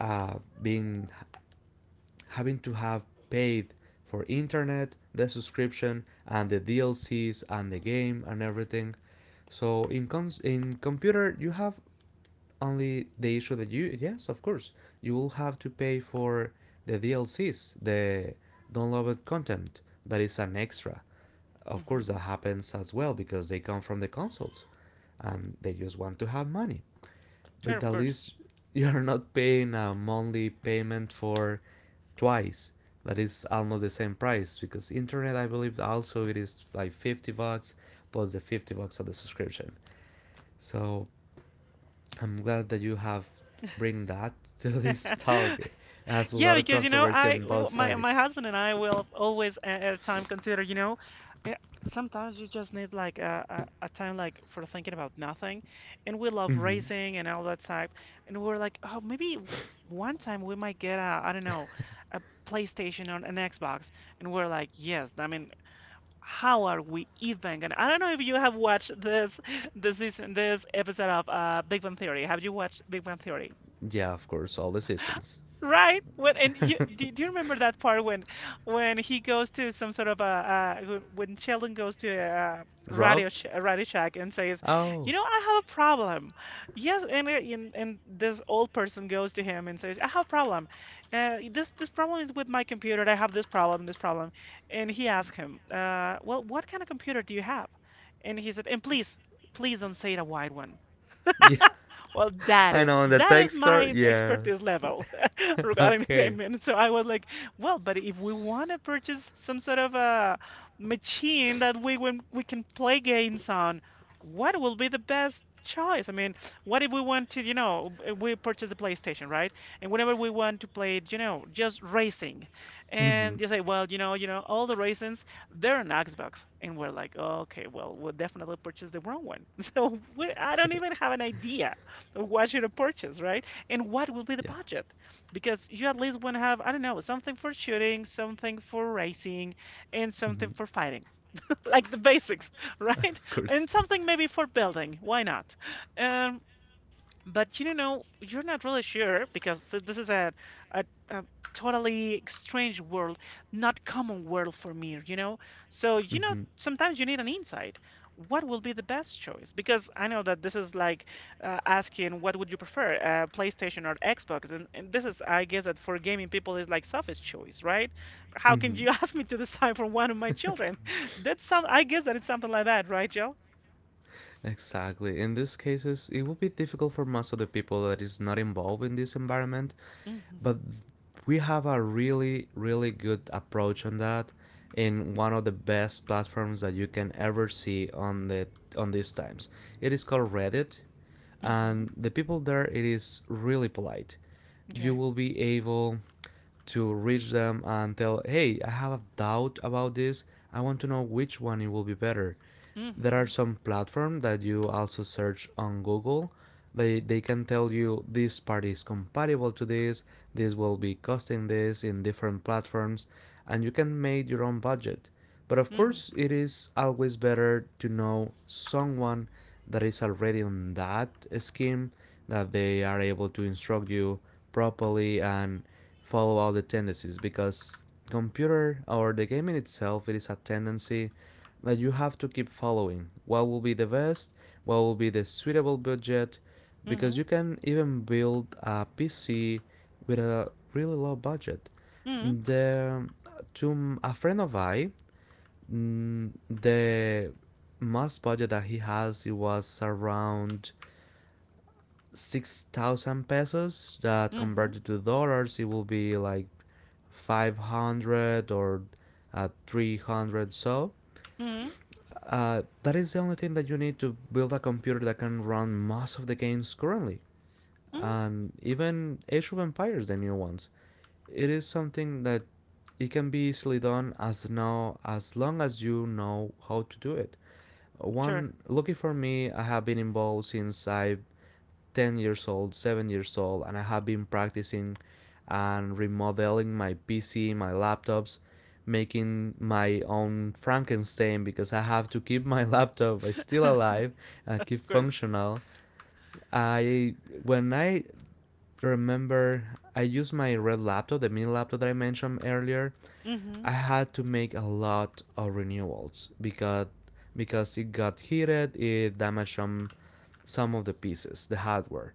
uh, being having to have paid for internet, the subscription, and the DLCs and the game and everything. So in computer you have only the issue that, you yes of course, you will have to pay for the DLCs, the downloaded content that is an extra. Of course
Hmm.
that happens as well because they come from the consoles and they just want to have money.
Sure,
But
of
at
course.
least <laughs> you're not paying a monthly payment for twice that is almost the same price, because internet I believe also it is like $50 plus the $50 of the subscription. So I'm glad that you have bring that <laughs> to this talk.
<laughs>
It has a
Yeah,
lot of
because
controversy on both
my
sides.
husband and I will always at a time consider, eh, sometimes you just need like a time like for thinking about nothing, and we love
Hmm.
racing and all that type, and we're like, oh, maybe one time we might get a, I don't know, a PlayStation or an Xbox, and we're like, yes, I mean. How are we even gonna? I don't know if you have watched this <laughs> this season, this episode of Big Bang Theory. Have you watched Big Bang Theory?
Yeah, of course, all the seasons.
Right? When And you
<laughs>
do you remember that part when he goes to some sort of a when Sheldon goes to a, uh Radio
Robbed?
sh a Radio Shack and says, "You
Oh,
know, I have a problem." Yes, and and this old person goes to him and says, "I have a problem. This this problem is with my computer. I have this problem, this problem." And he asks him, "Well, what kind of computer do you have?" And he said, "And please, please don't say it a wide one."
yeah,
Well, that
I
is
know. In the
that
tech
is
store,
my expertise
yes.
level. <laughs>
<laughs>
Regarding the
Okay.
game. And so I was like, well, but if we want to purchase some sort of a machine that we when we can play games on, what will be the best choice? I mean, what if we want to, we purchase a PlayStation, right? And whenever we want to play, just racing,
Hmm.
and you say, well, all the racings, they're on Xbox, and we're like, oh, okay, well, we'll definitely purchase the wrong one. <laughs> So we I don't even have an idea of what should I purchase, right? And what will be the
Yeah.
budget? Because you at least want to have, I don't know, something for shooting, something for racing, and something
Hmm.
for fighting. <laughs> Like the basics, <laughs>
<laughs>
right?
Of course.
And something maybe for building. Why not? Um, but you're not really sure because this is a totally strange world, not common world for me, you know? So,
Hmm.
sometimes you need an insight. What will be the best choice? Because I know that this is like asking what would you prefer, PlayStation or Xbox? And this is, I guess, that for gaming people is like selfish choice, right? How can
Hmm.
you <laughs> ask me to decide for one of my children? <laughs> That's some, I guess that it's something like that, right, Jill?
Exactly. In these cases, it will be difficult for most of the people that is not involved in this environment,
Mm-hmm.
but we have a really, really good approach on that in one of the best platforms that you can ever see on the on these times. It is called Reddit,
Mm-hmm.
and the people there, it is really polite. You
Okay.
will be able to reach them and tell, hey, I have a doubt about this. I want to know which one it will be better. There
Mm-hmm.
are some platforms that you also search on Google. They can tell you this part is compatible to this, this will be costing this in different platforms, and you can make your own budget. But of
Mm-hmm.
course, it is always better to know someone that is already on that scheme, that they are able to instruct you properly and follow all the tendencies, because computer or the game in itself, it is a tendency that you have to keep following. What will be the best, what will be the suitable budget, because you
Mhm,
can even build a PC with a really low budget.
mhm,
The, to a friend of the most budget that he has, it was around 6,000 pesos that
mhm,
converted to dollars it will be like 500 or 300. So
mhm,
that is the only thing that you need to build a computer that can run most of the games currently.
mhm.
And even Age of Empires, the new ones, it is something that it can be easily done as now as long as you know how to do it.
Sure,
One, lucky for me, I have been involved since I 10 years old, 7 years old, and I have been practicing and remodeling my PC, my laptops, making my own Frankenstein because I have to keep my <laughs> laptop still alive
<laughs>
and
of
keep
course.
functional. I when I remember, I used my red laptop, the mini laptop that I mentioned earlier.
Mhm,
I had to make a lot of renewals because it got heated, it damaged some of the pieces, the hardware.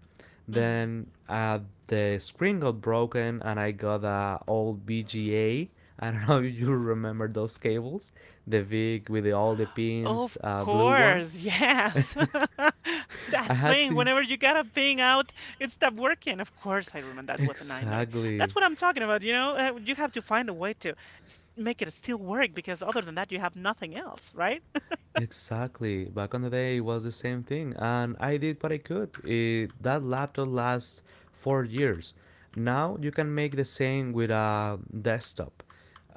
mhm.
Then the screen got broken, and I got a old BGA. <laughs> I don't know if you remember those cables, the big with the, all the pins,
Of
blue one.
course, yes. <laughs>
<laughs>
That
I had
thing,
to
whenever you gotta ping out, it stopped working. Of course, I remember
<laughs>
that was a nightmare. That's
exactly.
what I'm talking about, you know? You have to find a way to make it still work because other than that, you have nothing else, right? <laughs>
Exactly. Back on the day, it was the same thing, and I did what I could. It, that laptop lasts 4 years. Now you can make the same with a desktop.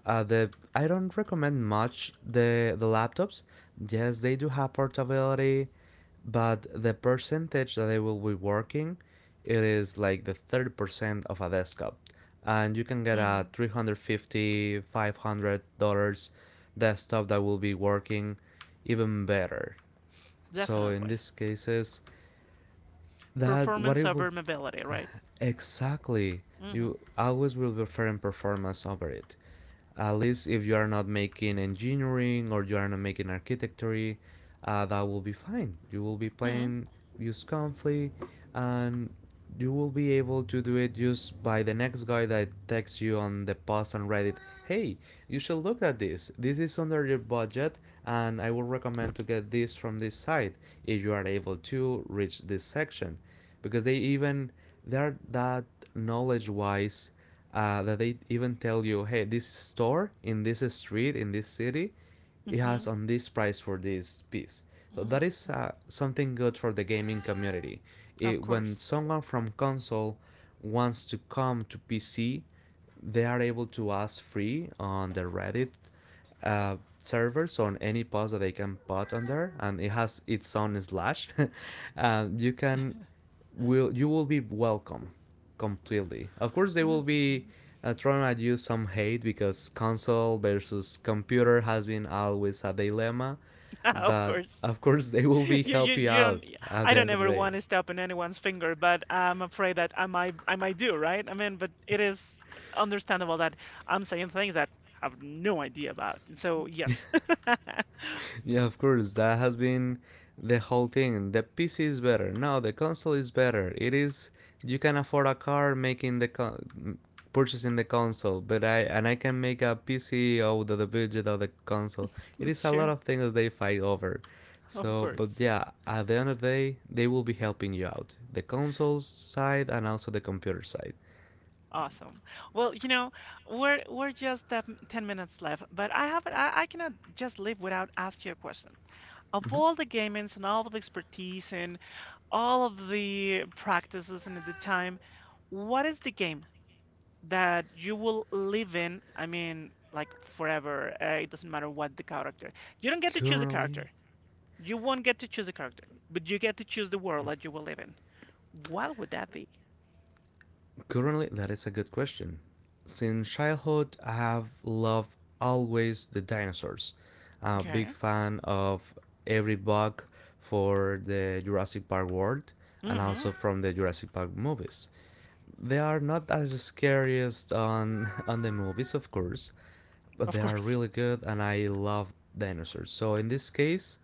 The I don't recommend much the laptops. Yes, they do have portability, but the percentage that I will be working, it is like the 30% of a desktop. And you can get a
Hmm.
350 $500 $500 desktop that will be working even better. So in
Definitely.
these cases, that what
Performance
it will.
over mobility, right?
Exactly.
Hmm.
You always will prefer performance over it. At least if you are not making engineering or you are not making architecture, that will be fine. You will be
Hmm.
playing use conflict, and you will be able to do it just by the next guy that texts you on the post on Reddit. Hey, you should look at this. This is under your budget, and I would recommend to get this from this site if you are able to reach this section because they even they're that knowledge wise, that they even tell you, hey, this store in this street in this city, it has
Hmm.
on this price for this piece. So
Hmm.
that is something good for the gaming community.
Of
It, when
course.
someone from console wants to come to PC, they are able to ask free on the Reddit uh, servers on any post that they can put on there, and it has its own slash. <laughs> You can will you will be welcome completely. Of course, they
Hmm.
will be
<laughs>
throwing at you some hate because console versus computer has been always a dilemma.
Of
But
course.
of course, <laughs> they will be
You,
help
you,
you
you
out
don't.
at
I
the
don't
end of the
ever
day.
want to step on anyone's finger, but I'm afraid that I might do, right? I mean, but it is understandable that I'm saying things that I have no idea about. So yes,
Yeah, of course. That has been the whole thing. The PC is better. Now the console is better. It is, you can afford a car making the purchasing the console, but I and I can make a PC out of the budget of the console. It
<laughs>
is a lot
sure,
of things that they fight over.
of
So, but
course.
yeah, at the end of the day, they will be helping you out. The console side and also the computer side.
Awesome. Well, we're just 10 minutes left, but I cannot just leave without asking you a question. Of
Mhm.
all the gamings and all of the expertise and all of the practices and at the time, what is the game that you will live in, I mean, like forever. It doesn't matter what the character. You don't get to choose the
Currently,
character. You won't get to choose the character, but you get to choose the world that you will live in. What would that be?
Currently, that is a good question. Since childhood, I have loved always the dinosaurs. I'm a big
Okay.
fan of every bug for the Jurassic Park world and
Mm-hmm.
also from the Jurassic Park movies. They are not as scariest on <laughs> on the movies, of course, but
Of
they are
course.
really good and I love dinosaurs. So in this case,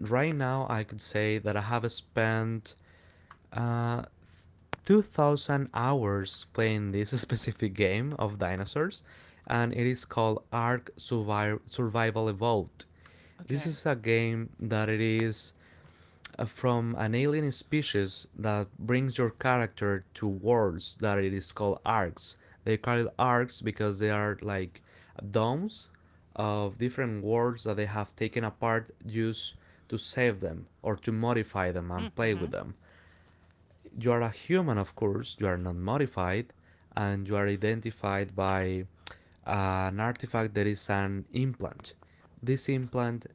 right now I could say that I have spent uh, 2000 hours playing this <laughs> specific game of dinosaurs, and it is called Ark Survival Evolved. This
Okay.
is a game that it is from an alien species that brings your character to worlds that it is called arcs. They call it arcs because they are like domes of different worlds that they have taken apart used to save them or to modify them and play
Mm-hmm.
with them. You are a human, of course, you are not modified, and you are identified by an artifact that is an implant. This implant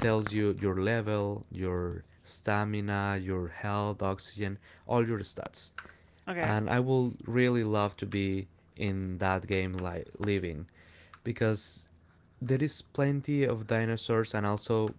tells you your level, your stamina, your health, oxygen, all your stats.
Okay.
And I will really love to be in that game like living because there is plenty of dinosaurs and also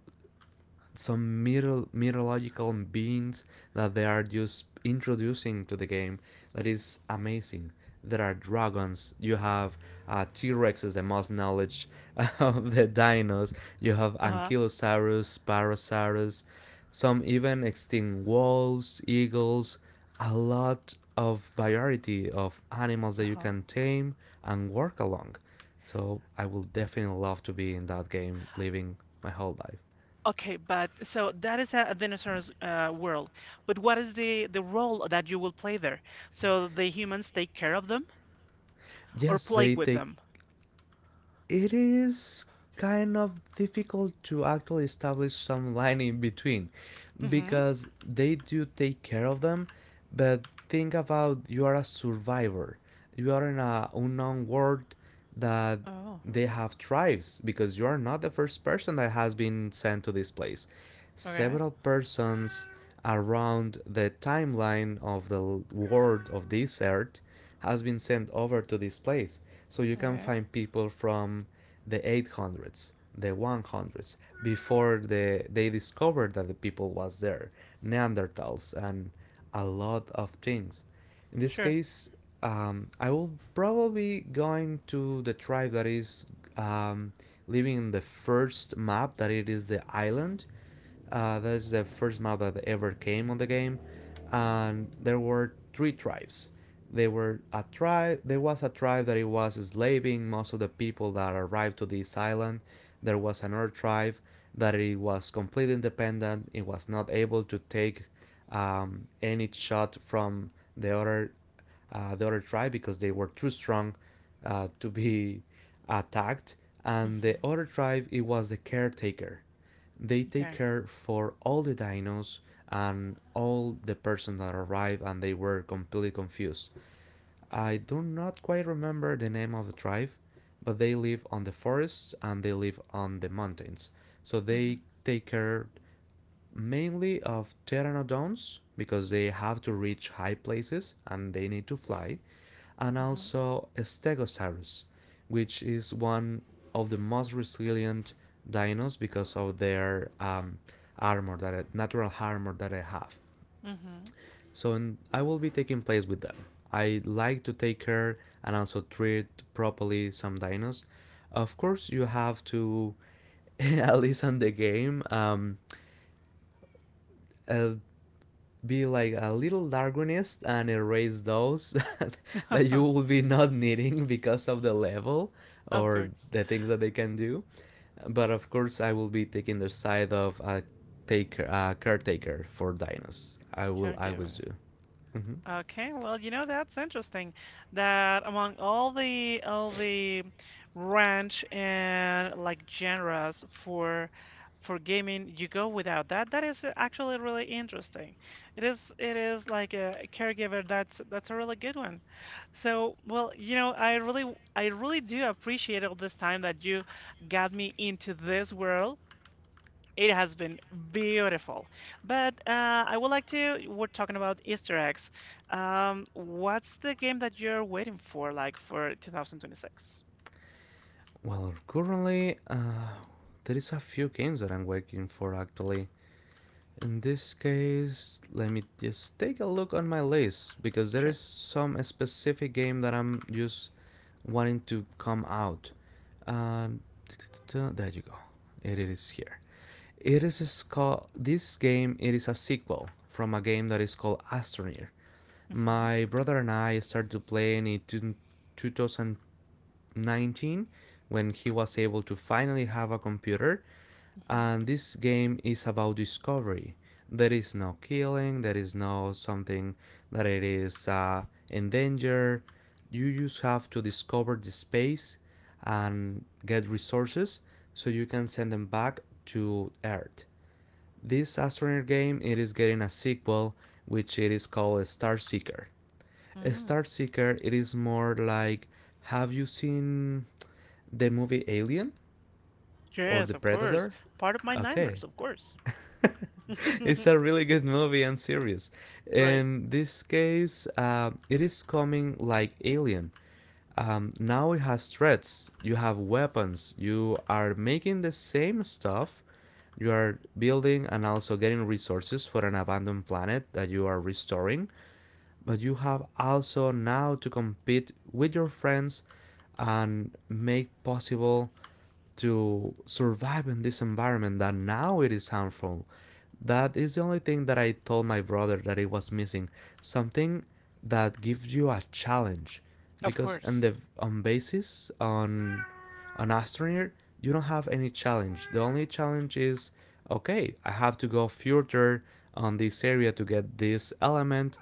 some mythological beings that they are just introducing to the game that is amazing. There are dragons. You have T Rex is the most knowledge <laughs> of the dinos. You have
Uh-huh.
Ankylosaurus, Spinosaurus. Some even extinct wolves, eagles, a lot of variety of animals that you
Uh-huh.
can tame and work along. So I will definitely love to be in that game living my whole life.
Okay, but so that is a dinosaur's world. But what is the role that you will play there? So the humans take care of them or
Yes,
play
they
with
take.
them?
It is kind of difficult to actually establish some line in between
Mm-hmm.
because they do take care of them, but think about you are a survivor. You are in a unknown world that
Oh,
they have tribes because you are not the first person that has been sent to this place.
okay.
Several persons around the timeline of the world of this earth has been sent over to this place. So you can
Okay.
find people from the 800s, the 100s, before they discovered that the people was there, Neanderthals, and a lot of things. In this
Sure.
case, I will probably going to the tribe that is um, living in the first map, that it is the island, that is the first map that ever came on the game, and there were three tribes. They were a tribe. There was a tribe that it was slaving most of the people that arrived to this island. There was another tribe that it was completely independent. It was not able to take any shot from the other the other tribe because they were too strong to be <laughs> attacked. And the
Mhm.
other tribe it was the caretaker. They take
Okay.
care for all the dinos and all the persons that arrive and they were completely confused. I do not quite remember the name of the tribe, but they live on the forests and they live on the mountains. So they
Mhm.
take care mainly of pteranodons because they have to reach high places and they need to fly and
Mhm.
also Stegosaurus, which is one of the most resilient dinos because of their armor that natural armor that I have.
Mhm.
So I will be taking place with them. I like to take care and also treat properly some dinos. Of course, you have to <laughs> at least on the game uh, be like a little Darwinist and erase those <laughs> that you will
<laughs>
be not needing because of the level
Of
or
course.
the things that they can do. But of course, I will be taking the side of a taker, a caretaker for dinos. I will always
Caregiver.
do. Hmm.
Okay, well, that's interesting that among all the range and like genres for gaming, you go without that. That is actually really interesting. It is like a caregiver. That's a really good one. So, well, I really do appreciate all this time that you got me into this world. It has been beautiful. But I would like to, we're talking about Easter eggs. What's the game that you're waiting for, like for 2026?
Well, currently, there is a few games that I'm working for actually. In this case, let me just take a look on my list because there
Sure.
is some specific game that I'm just wanting to come out. Um, there you go. It is here. It is called this game. It is a sequel from a game that is called Astroneer.
Hmm.
My brother and I started playing it in 2019 when he was able to finally have a computer
Hmm.
and this game is about discovery. There is no killing, there is no something that it is in danger. You just have to discover the space and get resources so you can send them back to Earth. This astronaut game it is getting a sequel which it is called Star Seeker.
Mm.
Star Seeker it is more like have you seen the movie Alien or The
Yes, of course.
Predator?
Part of my
Okay.
nightmares, of course.
<laughs>
<laughs>
It's a really good movie and series.
Right.
In this case, it is coming like Alien. Now it has threats. You have weapons. You are making the same stuff. You are building and also getting resources for an abandoned planet that you are restoring. But you have also now to compete with your friends and make possible to survive in this environment that now it is harmful. That is the only thing that I told my brother that it was missing. Something that gives you a challenge,
Of
because on
course.
the on basis on astroneer you don't have any challenge. The only challenge is okay. I have to go further on this area to get this element,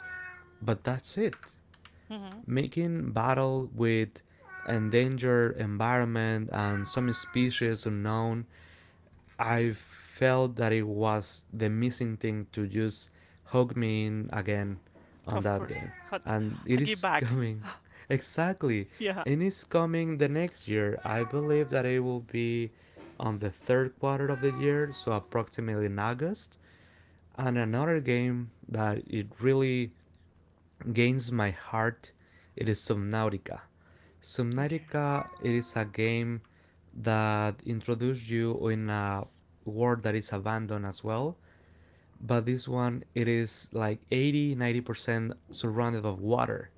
but that's it
Hmm.
making battle with endangered environment and some species unknown, I felt that it was the missing thing to just hook me in again on
Of
that
course.
game.
Hug,
And it
hug you
is
back. <laughs>
coming. <laughs> Exactly.
Yeah.
And it's coming the next year. I believe that it will be on the third quarter of the year, so approximately in August. And another game that it really gains my heart, it is Subnautica.
Okay.
Subnautica it is a game that introduces you in a world that is abandoned as well. But this one it is like 80 90% surrounded of water.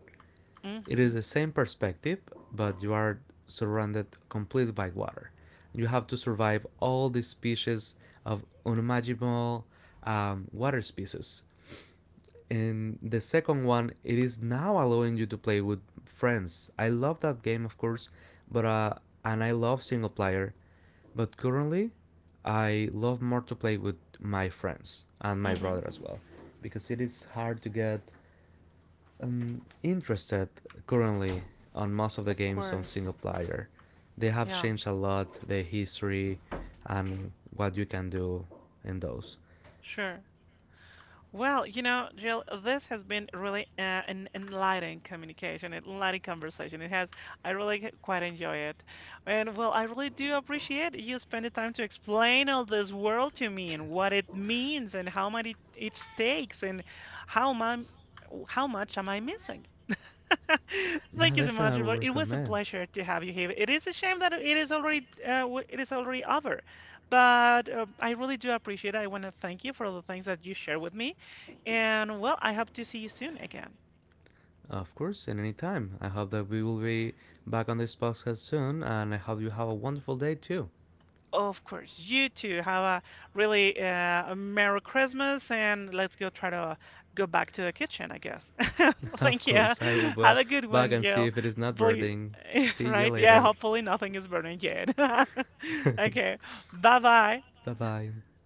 It is
Hmm.
the same perspective, but you are surrounded completely by water. You have to survive all the species of unimaginable water species and the second one, it is now allowing you to play with friends. I love that game, of course, but and I love single player, but currently, I love more to play with my friends and my
Hmm.
brother as well, because it is hard to get interested currently on most of the
Of
games on single
course.
player. They have
Yeah.
changed a lot the history and what you can do in those.
Sure. Well, Jill, this has been really an enlightening communication, an enlightening conversation. It has, I really quite enjoy it. And well, I really do appreciate you spending time to explain all this world to me and what it means and how much it takes and how my, how much am I missing. <laughs>
Yeah,
Thank you so
definitely
much,
I would
Robert. It was a
recommend.
pleasure to have you here. It is a shame that it is already it is already over, but I really do appreciate it. I want to thank you for all the things that you share with me, and well, I hope to see you soon again.
Of course, and anytime. I hope that we will be back on this podcast soon, and I hope you have a wonderful day too.
Of course, you too. Have a really a Merry Christmas, and let's go try to go back to the kitchen, I guess. <laughs>
<laughs> Of
Thank you.
course, I will be
Have a good
back
one,
and see
Jill.
if it is not
Please,
birding.
<laughs>
See you
right? Yeah,
later.
hopefully nothing is burning yet. <laughs>
<laughs>
Okay. Bye bye.
Bye bye.